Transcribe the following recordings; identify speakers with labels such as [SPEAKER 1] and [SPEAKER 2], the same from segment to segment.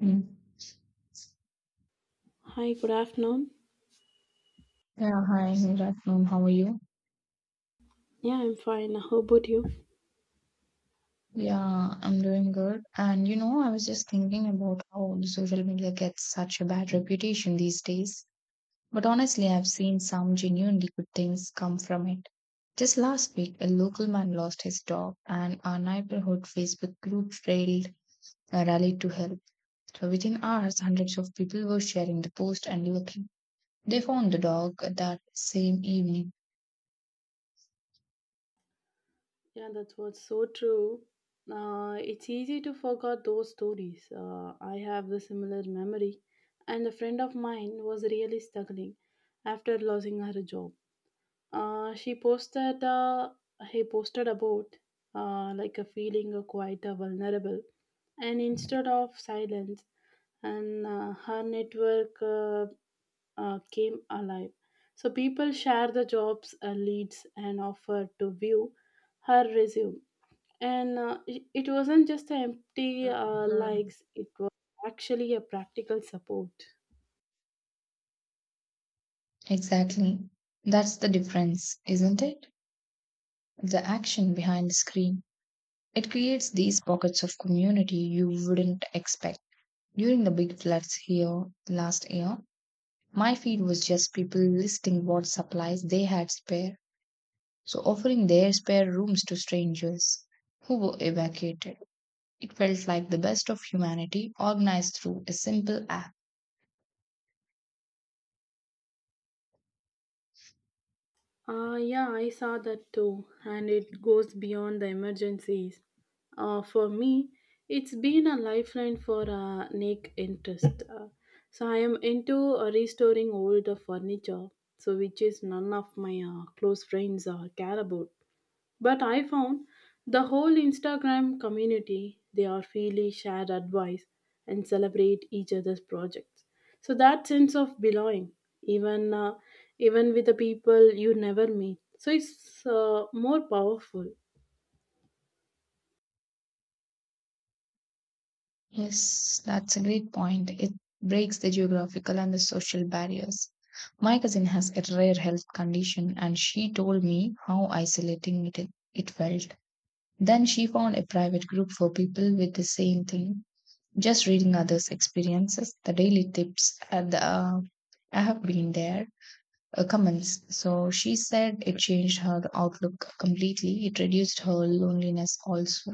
[SPEAKER 1] Mm.
[SPEAKER 2] Hi, good afternoon.
[SPEAKER 1] Yeah, hi, Nurafnum. How are you?
[SPEAKER 2] Yeah, I'm fine. How about you?
[SPEAKER 1] Yeah, I'm doing good. And I was just thinking about how the social media gets such a bad reputation these days. But honestly, I've seen some genuinely good things come from it. Just last week, a local man lost his dog, and our neighborhood Facebook group rallied to help. So within hours, hundreds of people were sharing the post and looking. They found the dog that same evening.
[SPEAKER 2] Yeah, that's what's so true. It's easy to forget those stories. I have the similar memory, and a friend of mine was really struggling after losing her job. She posted, he posted about like a feeling of quite vulnerable, and instead of silence, and her network came alive. So people share the jobs leads and offer to view her resume. And it wasn't just empty likes; it was actually a practical support.
[SPEAKER 1] Exactly. That's the difference, isn't it? The action behind the screen. It creates these pockets of community you wouldn't expect. During the big floods here last year, my feed was just people listing what supplies they had spare, so offering their spare rooms to strangers who were evacuated. It felt like the best of humanity organized through a simple app.
[SPEAKER 2] Yeah, I saw that too, and it goes beyond the emergencies. For me, it's been a lifeline for a niche interest. So I am into restoring old furniture, so which is none of my close friends care about. But I found the whole Instagram community, they are freely share advice and celebrate each other's projects. So that sense of belonging, even uh, even with the people you never meet, so it's more powerful.
[SPEAKER 1] Yes, that's a great point. It breaks the geographical and the social barriers. My cousin has a rare health condition, and she told me how isolating it felt. Then she found a private group for people with the same thing. Just reading others' experiences, the daily tips, and the, I have been there comments. So she said it changed her outlook completely. It reduced her loneliness also.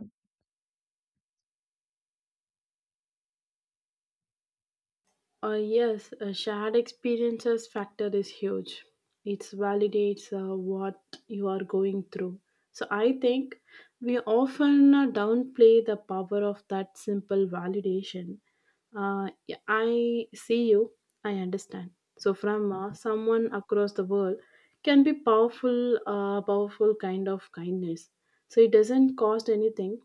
[SPEAKER 2] Yes, a shared experiences factor is huge. It validates what you are going through. So I think we often downplay the power of that simple validation. Yeah, I see you, I understand. So from someone across the world can be powerful, powerful kind of kindness. So it doesn't cost anything,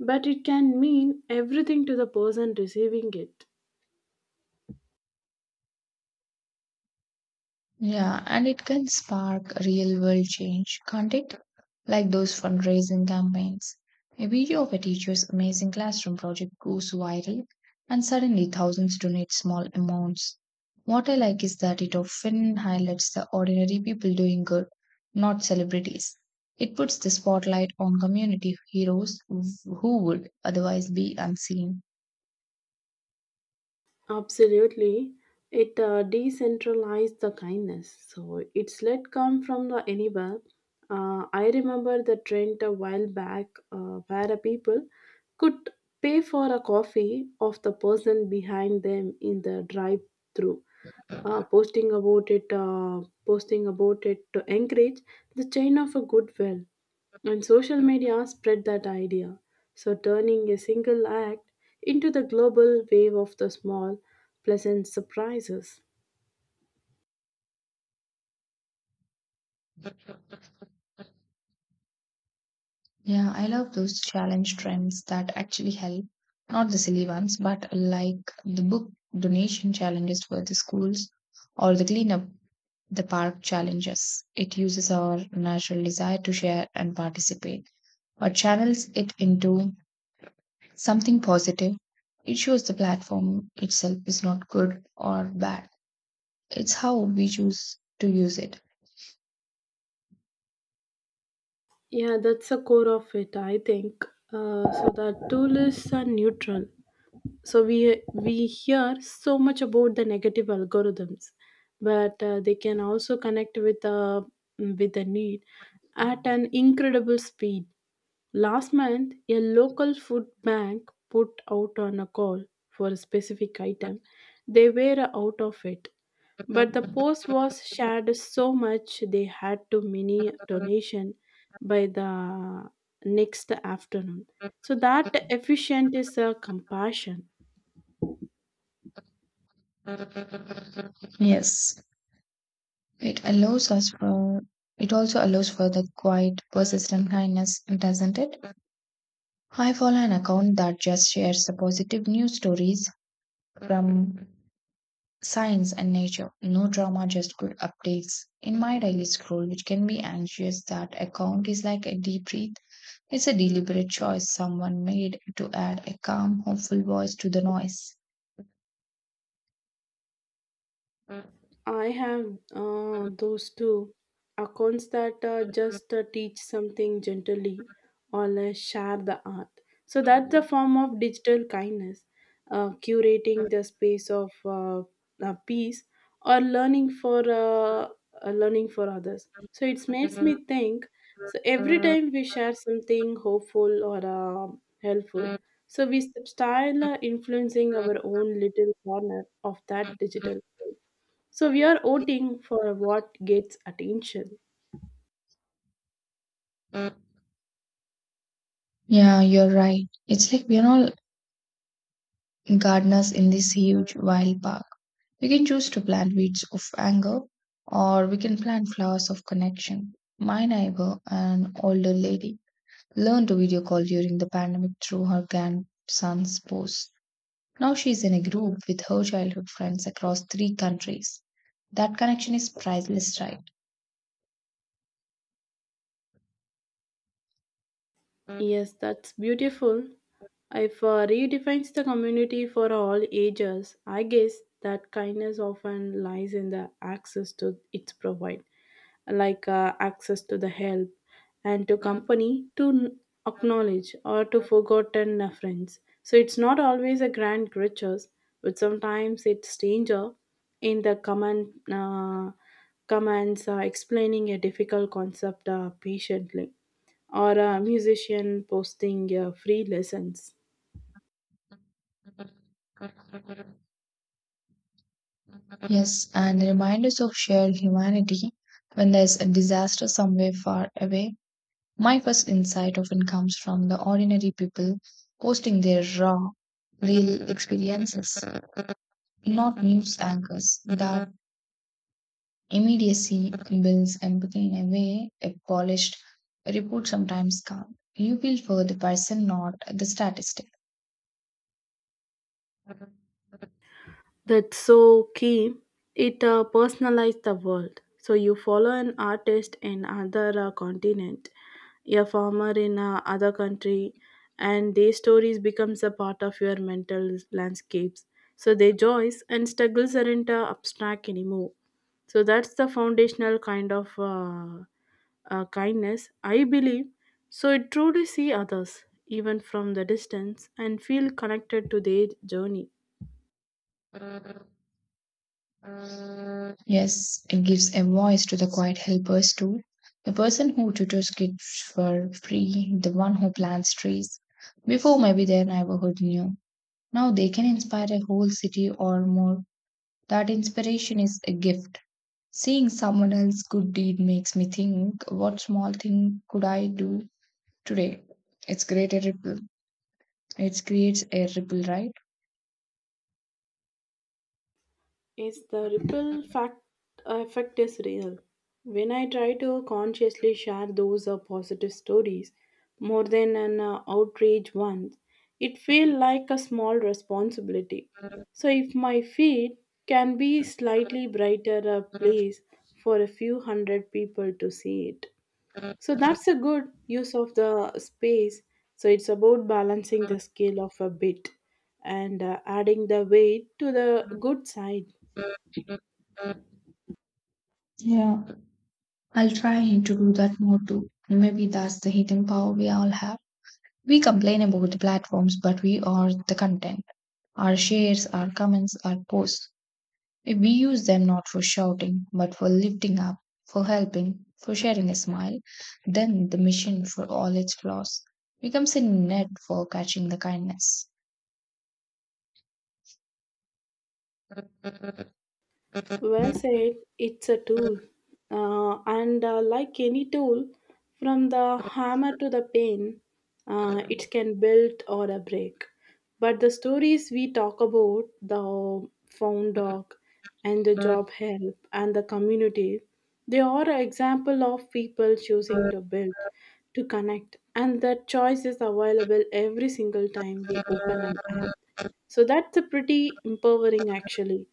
[SPEAKER 2] but it can mean everything to the person receiving it.
[SPEAKER 1] Yeah, and it can spark real world change, can't it? Like those fundraising campaigns. A video of a teacher's amazing classroom project goes viral, and suddenly thousands donate small amounts. What I like is that it often highlights the ordinary people doing good, not celebrities. It puts the spotlight on community heroes who would otherwise be unseen.
[SPEAKER 2] Absolutely. It decentralized the kindness. So it's let come from the anywhere. I remember the trend a while back where a people could pay for a coffee of the person behind them in the drive through. Posting about it to encourage the chain of a goodwill. And social media spread that idea, so turning a single act into the global wave of the small, pleasant surprises.
[SPEAKER 1] Yeah, I love those challenge trends that actually help. Not the silly ones, but like the book donation challenges for the schools or the cleanup the park challenges. It uses our natural desire to share and participate, but channels it into something positive. It shows the platform itself is not good or bad. It's how we choose to use it.
[SPEAKER 2] Yeah, that's the core of it, I think. So that tourists are neutral. So we hear so much about the negative algorithms, but they can also connect with the need at an incredible speed. Last month, a local food bank put out on a call for a specific item. They were out of it, but the post was shared so much they had to mini donation by the next afternoon. So that efficient is a compassion.
[SPEAKER 1] Yes. It allows us for it also allows for the quiet, persistent kindness, doesn't it? I follow an account that just shares the positive news stories from science and nature. No drama, just good updates. In my daily scroll, which can be anxious, that account is like a deep breath. It's a deliberate choice someone made to add a calm, hopeful voice to the noise.
[SPEAKER 2] I have those two accounts that just teach something gently or share the art. So that's a form of digital kindness, curating the space of peace or learning for learning for others. So it makes me think. So every time we share something hopeful or helpful, so we style influencing our own little corner of that digital world. So we are voting for what gets attention.
[SPEAKER 1] Yeah, you're right. It's like we're all gardeners in this huge wild park. We can choose to plant weeds of anger or we can plant flowers of connection. My neighbor, an older lady, learned to video call during the pandemic through her grandson's post. Now she is in a group with her childhood friends across three countries. That connection is priceless, right?
[SPEAKER 2] Yes, that's beautiful. If redefines the community for all ages, I guess that kindness often lies in the access to its provide, like access to the help and to company to acknowledge or to forgotten friends. So it's not always a grand gestures, but sometimes it's stranger in the common comments explaining a difficult concept patiently or a musician posting free lessons.
[SPEAKER 1] Yes, and reminders of shared humanity when there's a disaster somewhere far away. My first insight often comes from the ordinary people posting their raw, real experiences, not news anchors. That immediacy builds empathy in a way a polished report sometimes can't. You feel for the person, not the statistic.
[SPEAKER 2] That's so key. It personalized the world. So you follow an artist in other continent, a farmer in other country, and their stories becomes a part of your mental landscapes. So their joys and struggles aren't abstract anymore. So that's the foundational kind of kindness, I believe, so it truly see others, even from the distance, and feel connected to their journey.
[SPEAKER 1] Yes, it gives a voice to the quiet helpers too. The person who tutors kids for free, the one who plants trees. Before maybe their neighborhood knew. Now they can inspire a whole city or more. That inspiration is a gift. Seeing someone else's good deed makes me think, what small thing could I do today? It's create a ripple. It creates a ripple, right?
[SPEAKER 2] Is the effect is real. When I try to consciously share those positive stories more than an outrage one, it feels like a small responsibility. So if my feed can be slightly brighter a place for a few hundred people to see it. So that's a good use of the space. So it's about balancing the scale of a bit and adding the weight to the good side.
[SPEAKER 1] Yeah, I'll try to do that more too. Maybe that's the hidden power we all have. We complain about the platforms, but we are the content. Our shares, our comments, our posts. We use them not for shouting, but for lifting up, for helping, for sharing a smile. Then the mission, for all its flaws, becomes a net for catching the kindness.
[SPEAKER 2] Well said, it's a tool. And like any tool, from the hammer to the pen, it can build or a break. But the stories we talk about, the found dog and the job help and the community, they are an example of people choosing to build, to connect. And that choice is available every single time we open an app. So that's a pretty empowering actually.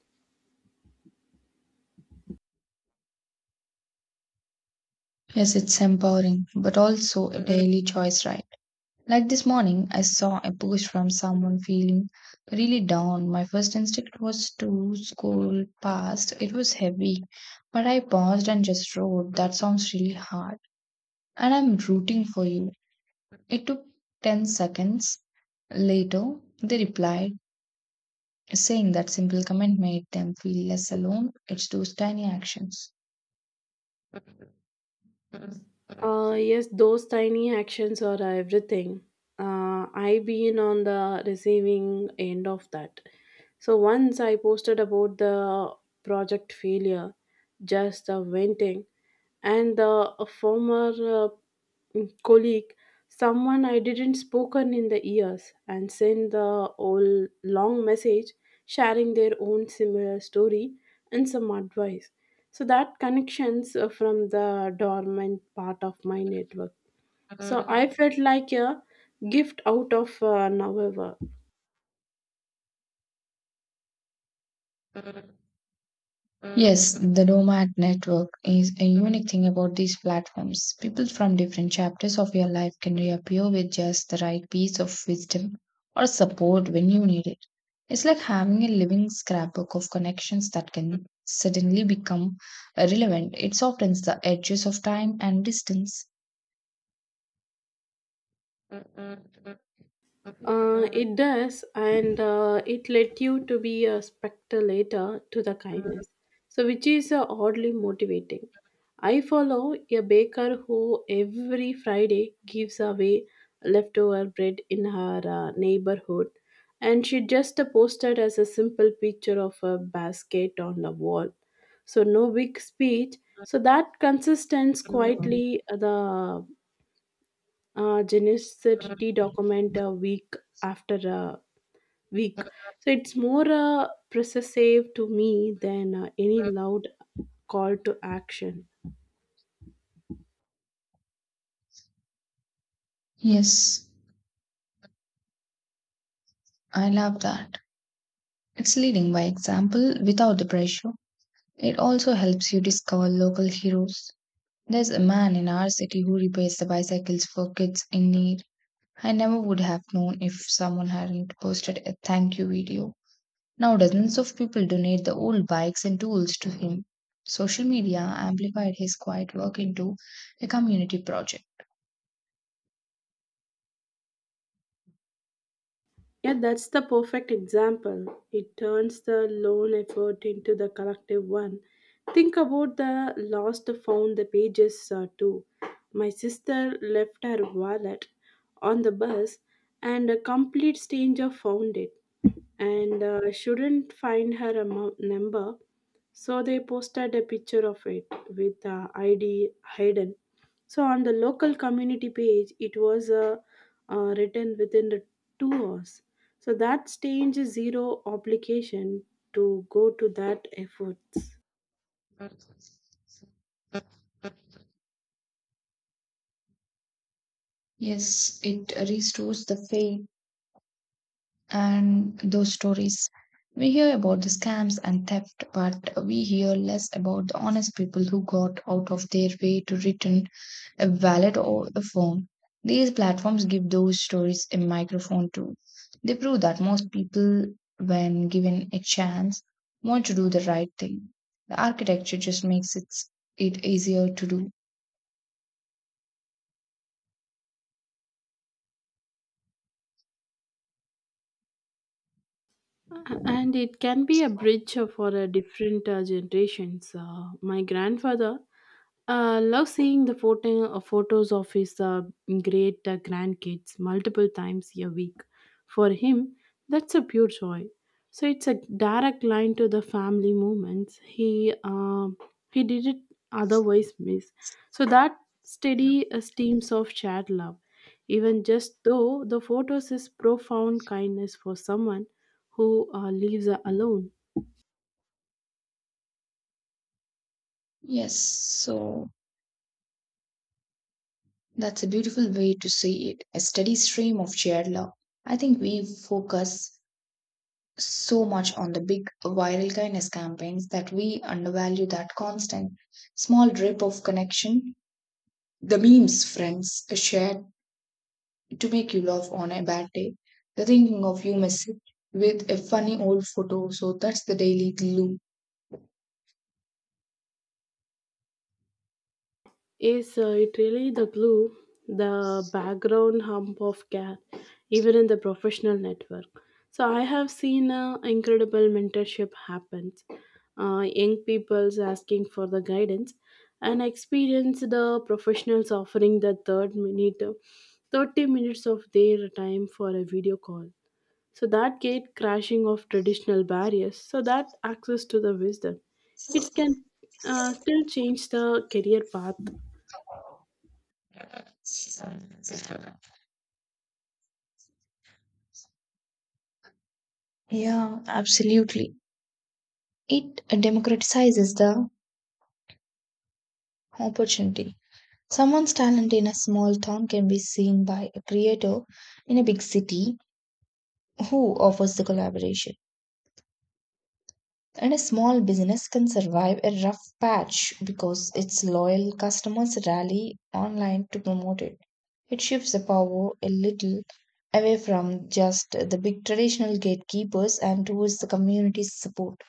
[SPEAKER 1] Yes, it's empowering, but also a daily choice, right? Like this morning, I saw a post from someone feeling really down. My first instinct was to scroll past, it was heavy, but I paused and just wrote, "That sounds really hard, and I'm rooting for you." It took 10 seconds. Later, they replied, saying that simple comment made them feel less alone. It's those tiny actions.
[SPEAKER 2] Yes, those tiny actions are everything. I've been on the receiving end of that. So once I posted about the project failure, just the venting, and the a former colleague, someone I didn't spoken in the years, and sent the whole long message, sharing their own similar story and some advice. So that connections from the dormant part of my network. So I felt like a gift out of nowhere.
[SPEAKER 1] Yes, the DOMAT network is a unique thing about these platforms. People from different chapters of your life can reappear with just the right piece of wisdom or support when you need it. It's like having a living scrapbook of connections that can suddenly become relevant. It softens the edges of time and distance.
[SPEAKER 2] It does, and it led you to be a spectator to the kindness, so which is oddly motivating. I follow a baker who every Friday gives away leftover bread in her neighborhood, and she just posted as a simple picture of a basket on the wall. So no big speech. So that consistency
[SPEAKER 1] Mm.
[SPEAKER 2] quietly the genicity document a week after a week. So it's more persuasive to me than any loud call to action.
[SPEAKER 1] Yes, I love that. It's leading by example without the pressure. It also helps you discover local heroes. There's a man in our city who repairs the bicycles for kids in need. I never would have known if someone hadn't posted a thank you video. Now, dozens of people donate the old bikes and tools to him. Social media amplified his quiet work into a community project.
[SPEAKER 2] Yeah, that's the perfect example. It turns the lone effort into the collective one. Think about the lost found the pages too. My sister left her wallet on the bus and a complete stranger found it and shouldn't find her amount number. So they posted a picture of it with ID hidden. So on the local community page, it was written within the 2 hours. So that stage is zero obligation to go to that efforts.
[SPEAKER 1] Yes, it restores the faith and those stories. We hear about the scams and theft, but we hear less about the honest people who got out of their way to return a wallet or a phone. These platforms give those stories a microphone too. They prove that most people, when given a chance, want to do the right thing. The architecture just makes it easier to do.
[SPEAKER 2] And it can be a bridge for different generations. My grandfather loved seeing the photos of his great grandkids multiple times a week. For him, that's a pure joy. So it's a direct line to the family moments. He did it otherwise miss. So that steady steams of shared love, even just though the photos is profound kindness for someone who lives alone.
[SPEAKER 1] Yes, so that's a beautiful way to see it a steady stream of shared love. I think we focus so much on the big viral kindness campaigns that we undervalue that constant small drip of connection. The memes friends shared to make you laugh on a bad day. The thinking of you message with a funny old photo. So that's the daily glue.
[SPEAKER 2] Is it really the glue, the background hump of care, even in the professional network? So I have seen incredible mentorship happens. Young people's asking for the guidance, and experienced professionals offering the 30 minutes of their time for a video call. So that gate crashing of traditional barriers, so that access to the wisdom, it can still change the career path.
[SPEAKER 1] Yeah, absolutely. It democratizes the opportunity. Someone's talent in a small town can be seen by a creator in a big city who offers the collaboration. And a small business can survive a rough patch because its loyal customers rally online to promote it. It shifts the power a little away from just the big traditional gatekeepers and towards the community's support.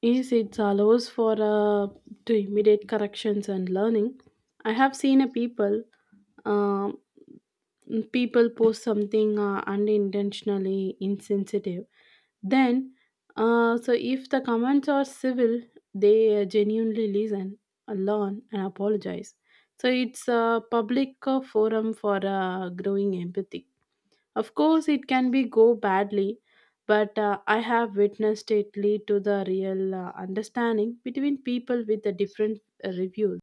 [SPEAKER 2] Is it allows for to immediate corrections and learning. I have seen a Um, people post something unintentionally insensitive, then so if the comments are civil, they genuinely listen, learn and apologize, so it's a public forum for growing empathy. Of course it can be go badly, but I have witnessed it lead to the real understanding between people with the different reviews.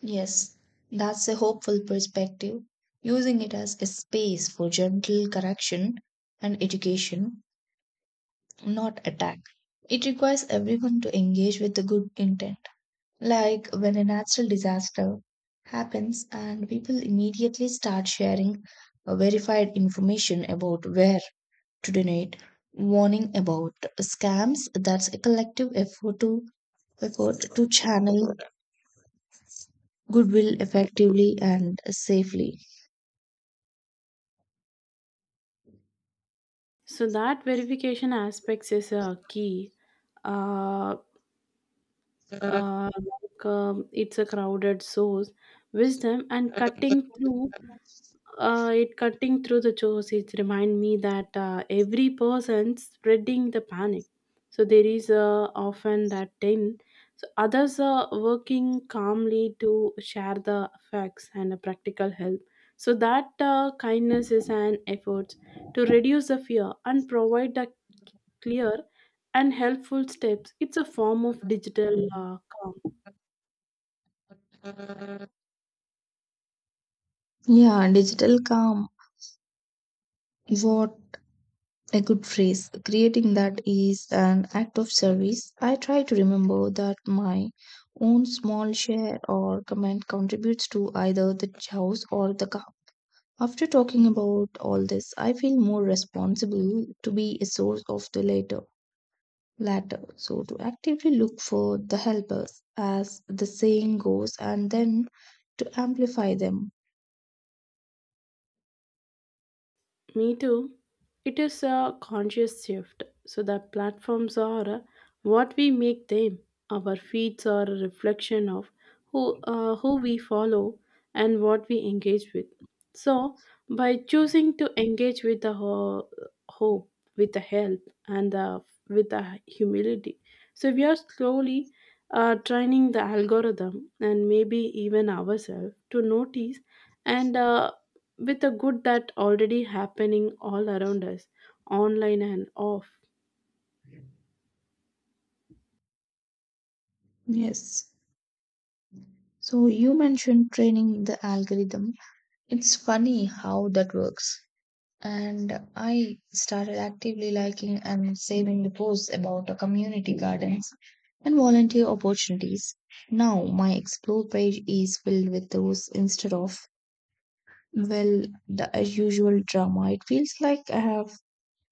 [SPEAKER 1] Yes, that's a hopeful perspective. Using it as a space for gentle correction and education, not attack. It requires everyone to engage with the good intent. Like when a natural disaster happens and people immediately start sharing verified information about where to donate, warning about scams. That's a collective effort to channel goodwill effectively and safely.
[SPEAKER 2] So that verification aspects is a key. Uh,
[SPEAKER 1] Yeah,
[SPEAKER 2] it's a crowded source, wisdom, and cutting through. It cutting through the chores. It remind me that every person spreading the panic. So there is often that ten. So others are working calmly to share the facts and the practical help. So that kindness is an effort to reduce the fear and provide the clear and helpful steps. It's a form of digital calm.
[SPEAKER 1] digital calm. What a good phrase. Creating that is an act of service. I try to remember that my own small share or comment contributes to either the house or the car. After talking about all this, I feel more responsible to be a source of the later latter. So to actively look for the helpers, as the saying goes, and then to amplify them.
[SPEAKER 2] Me too. It is a conscious shift. So the platforms are what we make them. Our feeds are a reflection of who we follow and what we engage with. So by choosing to engage with the hope, with the help, and the, with the humility, so we are slowly training the algorithm and maybe even ourselves to notice and with the good that already happening all around us online and off.
[SPEAKER 1] Yes. So you mentioned training the algorithm. It's funny how that works. And I started actively liking and saving the posts about the community gardens and volunteer opportunities. Now my explore page is filled with those instead of well the as usual drama. It feels like I have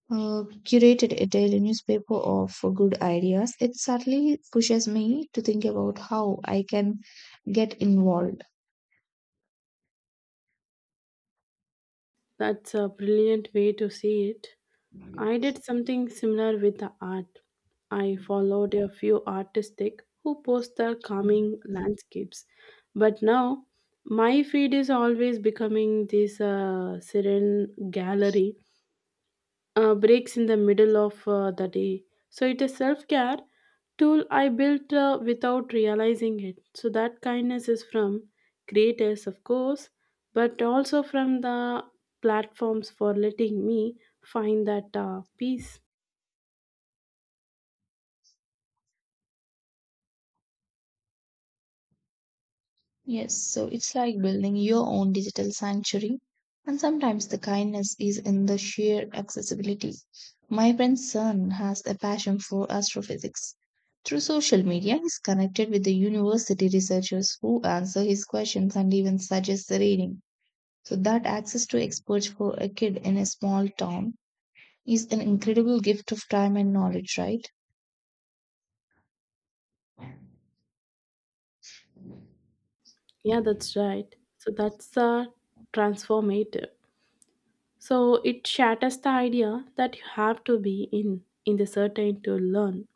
[SPEAKER 1] curated a daily newspaper of good ideas. It certainly pushes me to think about how I can get involved.
[SPEAKER 2] That's a brilliant way to see it. I did something similar with the art. I followed a few artistic who post their calming landscapes, but now my feed is always becoming this serene gallery breaks in the middle of the day. So it is self care tool I built without realizing it. So that kindness is from creators, of course, but also from the platforms for letting me find that peace.
[SPEAKER 1] Yes, so it's like building your own digital sanctuary. And sometimes the kindness is in the sheer accessibility. My friend's son has a passion for astrophysics. Through social media, he's connected with the university researchers who answer his questions and even suggest the reading. So, that access to experts for a kid in a small town is an incredible gift of time and knowledge, right?
[SPEAKER 2] Yeah, that's right. So that's transformative. So it shatters the idea that you have to be in the certain to learn.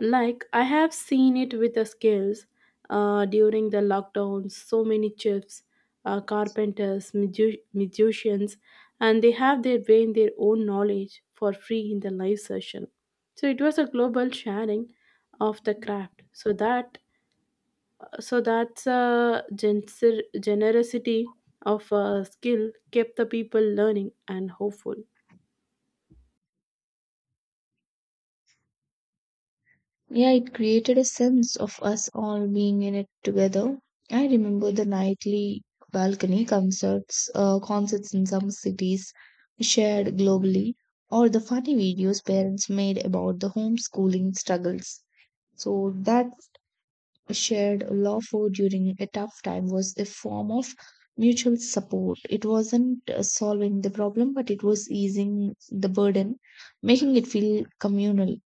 [SPEAKER 2] Like I have seen it with the skills during the lockdown, so many chefs, carpenters, musicians, and they have their way in their own knowledge for free in the live session. So it was a global sharing of the craft. So that's a generosity of skill kept the people learning and hopeful.
[SPEAKER 1] Yeah, it created a sense of us all being in it together. I remember the nightly balcony concerts in some cities shared globally, or the funny videos parents made about the homeschooling struggles. So that shared laughter during a tough time was a form of mutual support. It wasn't solving the problem, but it was easing the burden, making it feel communal.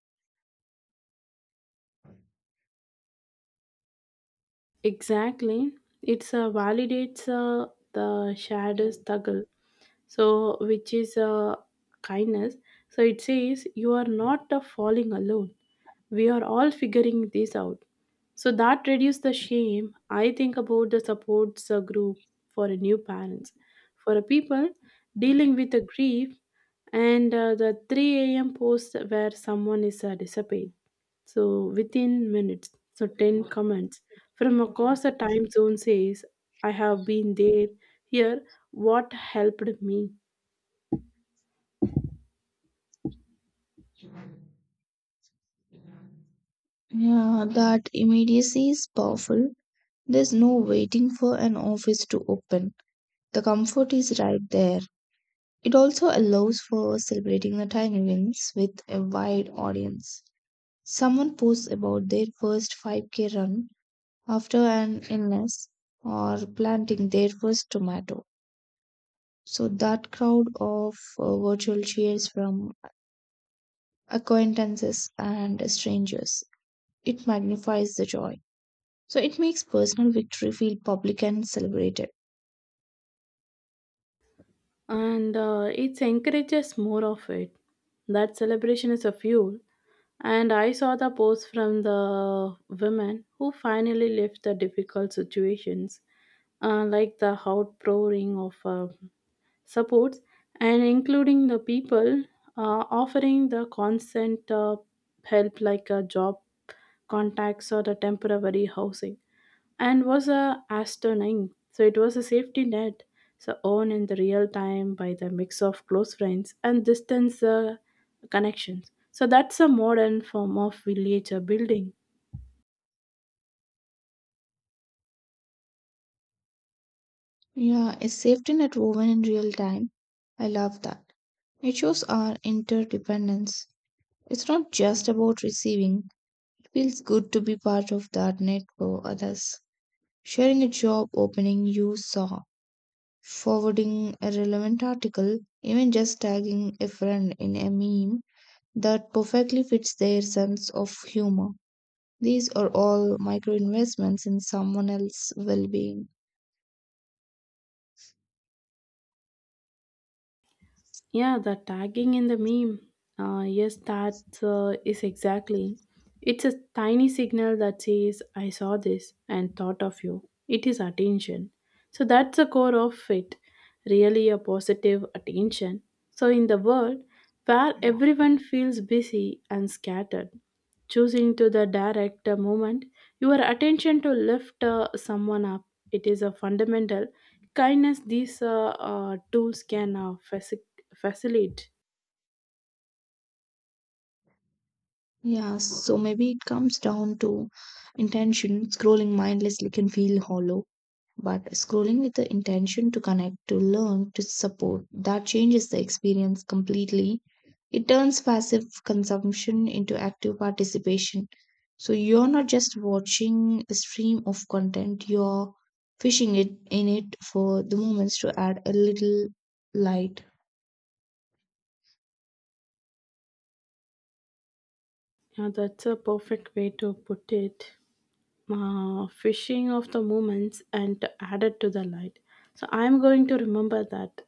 [SPEAKER 2] Exactly. It's validates the shadows struggle. So, which is kindness. So, it says you are not falling alone. We are all figuring this out. So, that reduces the shame. I think about the supports group for a new parents, for a people dealing with a grief, and the 3 a.m. post where someone is disappeared. So within minutes, so 10 comments from across the time zone says, I have been there, here, what helped me.
[SPEAKER 1] Yeah, that immediacy is powerful. There's no waiting for an office to open. The comfort is right there. It also allows for celebrating the tiny wins with a wide audience. Someone posts about their first 5K run after an illness or planting their first tomato. So that crowd of virtual cheers from acquaintances and strangers, it magnifies the joy. So it makes personal victory feel public and celebrated.
[SPEAKER 2] And it encourages more of it. That celebration is a fuel. And I saw the post from the women who finally left the difficult situations, like the outpouring of supports and including the people offering the consent help like a job contacts or the temporary housing and was a astronaut so it was a safety net so owned in the real time by the mix of close friends and distance connections so that's a modern form of village building.
[SPEAKER 1] Yeah, a safety net woven in real time. I love that. It shows our interdependence. It's not just about receiving, it feels good to be part of that net for others. Sharing a job opening you saw, forwarding a relevant article, even just tagging a friend in a meme that perfectly fits their sense of humor. These are all micro investments in someone else's well being.
[SPEAKER 2] Yeah, the tagging in the meme. Yes, that is exactly. It's a tiny signal that says, I saw this and thought of you. It is attention. So that's the core of it, really a positive attention. So, in the world where everyone feels busy and scattered, choosing to the direct moment your attention to lift someone up it is a fundamental kindness these tools can facilitate.
[SPEAKER 1] Yeah, so maybe it comes down to intention. Scrolling mindlessly can feel hollow, but scrolling with the intention to connect, to learn, to support, that changes the experience completely. It turns passive consumption into active participation. So you're not just watching a stream of content, you're fishing it in it for the moments to add a little light.
[SPEAKER 2] Yeah, that's a perfect way to put it, fishing of the moments and added to the light, so I'm going to remember that.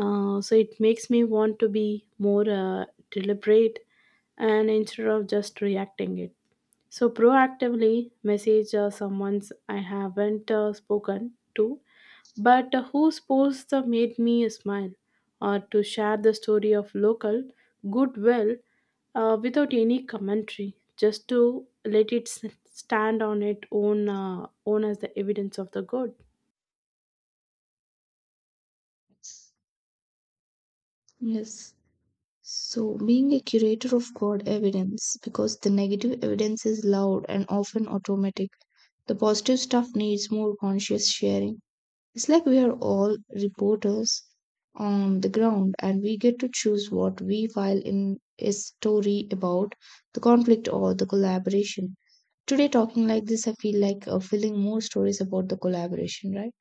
[SPEAKER 2] So it makes me want to be more deliberate and instead of just reacting it. So proactively message someone's I haven't spoken to, but whose post made me smile, or to share the story of local goodwill without any commentary, just to let it stand on its own, own as the evidence of the good.
[SPEAKER 1] Yes. So, being a curator of God evidence, because the negative evidence is loud and often automatic, the positive stuff needs more conscious sharing. It's like we are all reporters on the ground and we get to choose what we file in a story about the conflict or the collaboration. Today, talking like this, I feel like filling more stories about the collaboration, right?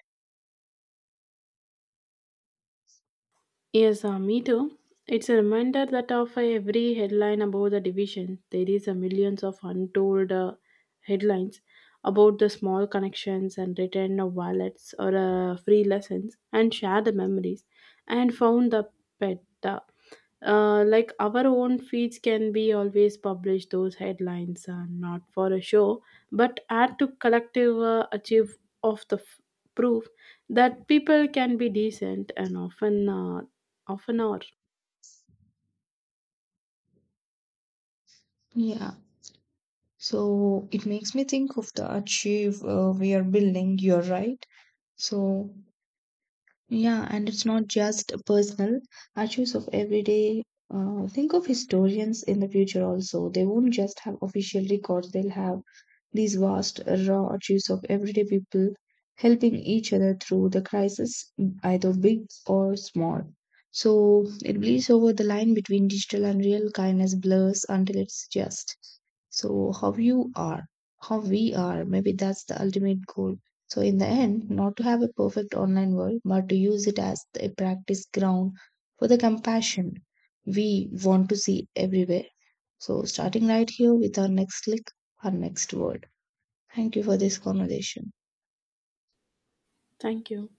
[SPEAKER 2] Yes, me too. It's a reminder that of every headline about the division, there is a millions of untold headlines about the small connections and return of wallets or free lessons and share the memories and found the pet. Like our own feeds can be always publish those headlines not for a show but add to collective achieve of the proof that people can be decent and often Half an hour.
[SPEAKER 1] Yeah. So, it makes me think of the archive we are building, you're right. So, yeah, and it's not just personal issues of everyday. Think of historians in the future also. They won't just have official records, they'll have these vast, raw issues of everyday people helping each other through the crisis, either big or small. So it bleeds over the line between digital and real kindness blurs until it's just. So, how you are, how we are, maybe that's the ultimate goal. So, in the end, not to have a perfect online world, but to use it as a practice ground for the compassion we want to see everywhere. So, starting right here with our next click, our next word. Thank you for this conversation.
[SPEAKER 2] Thank you.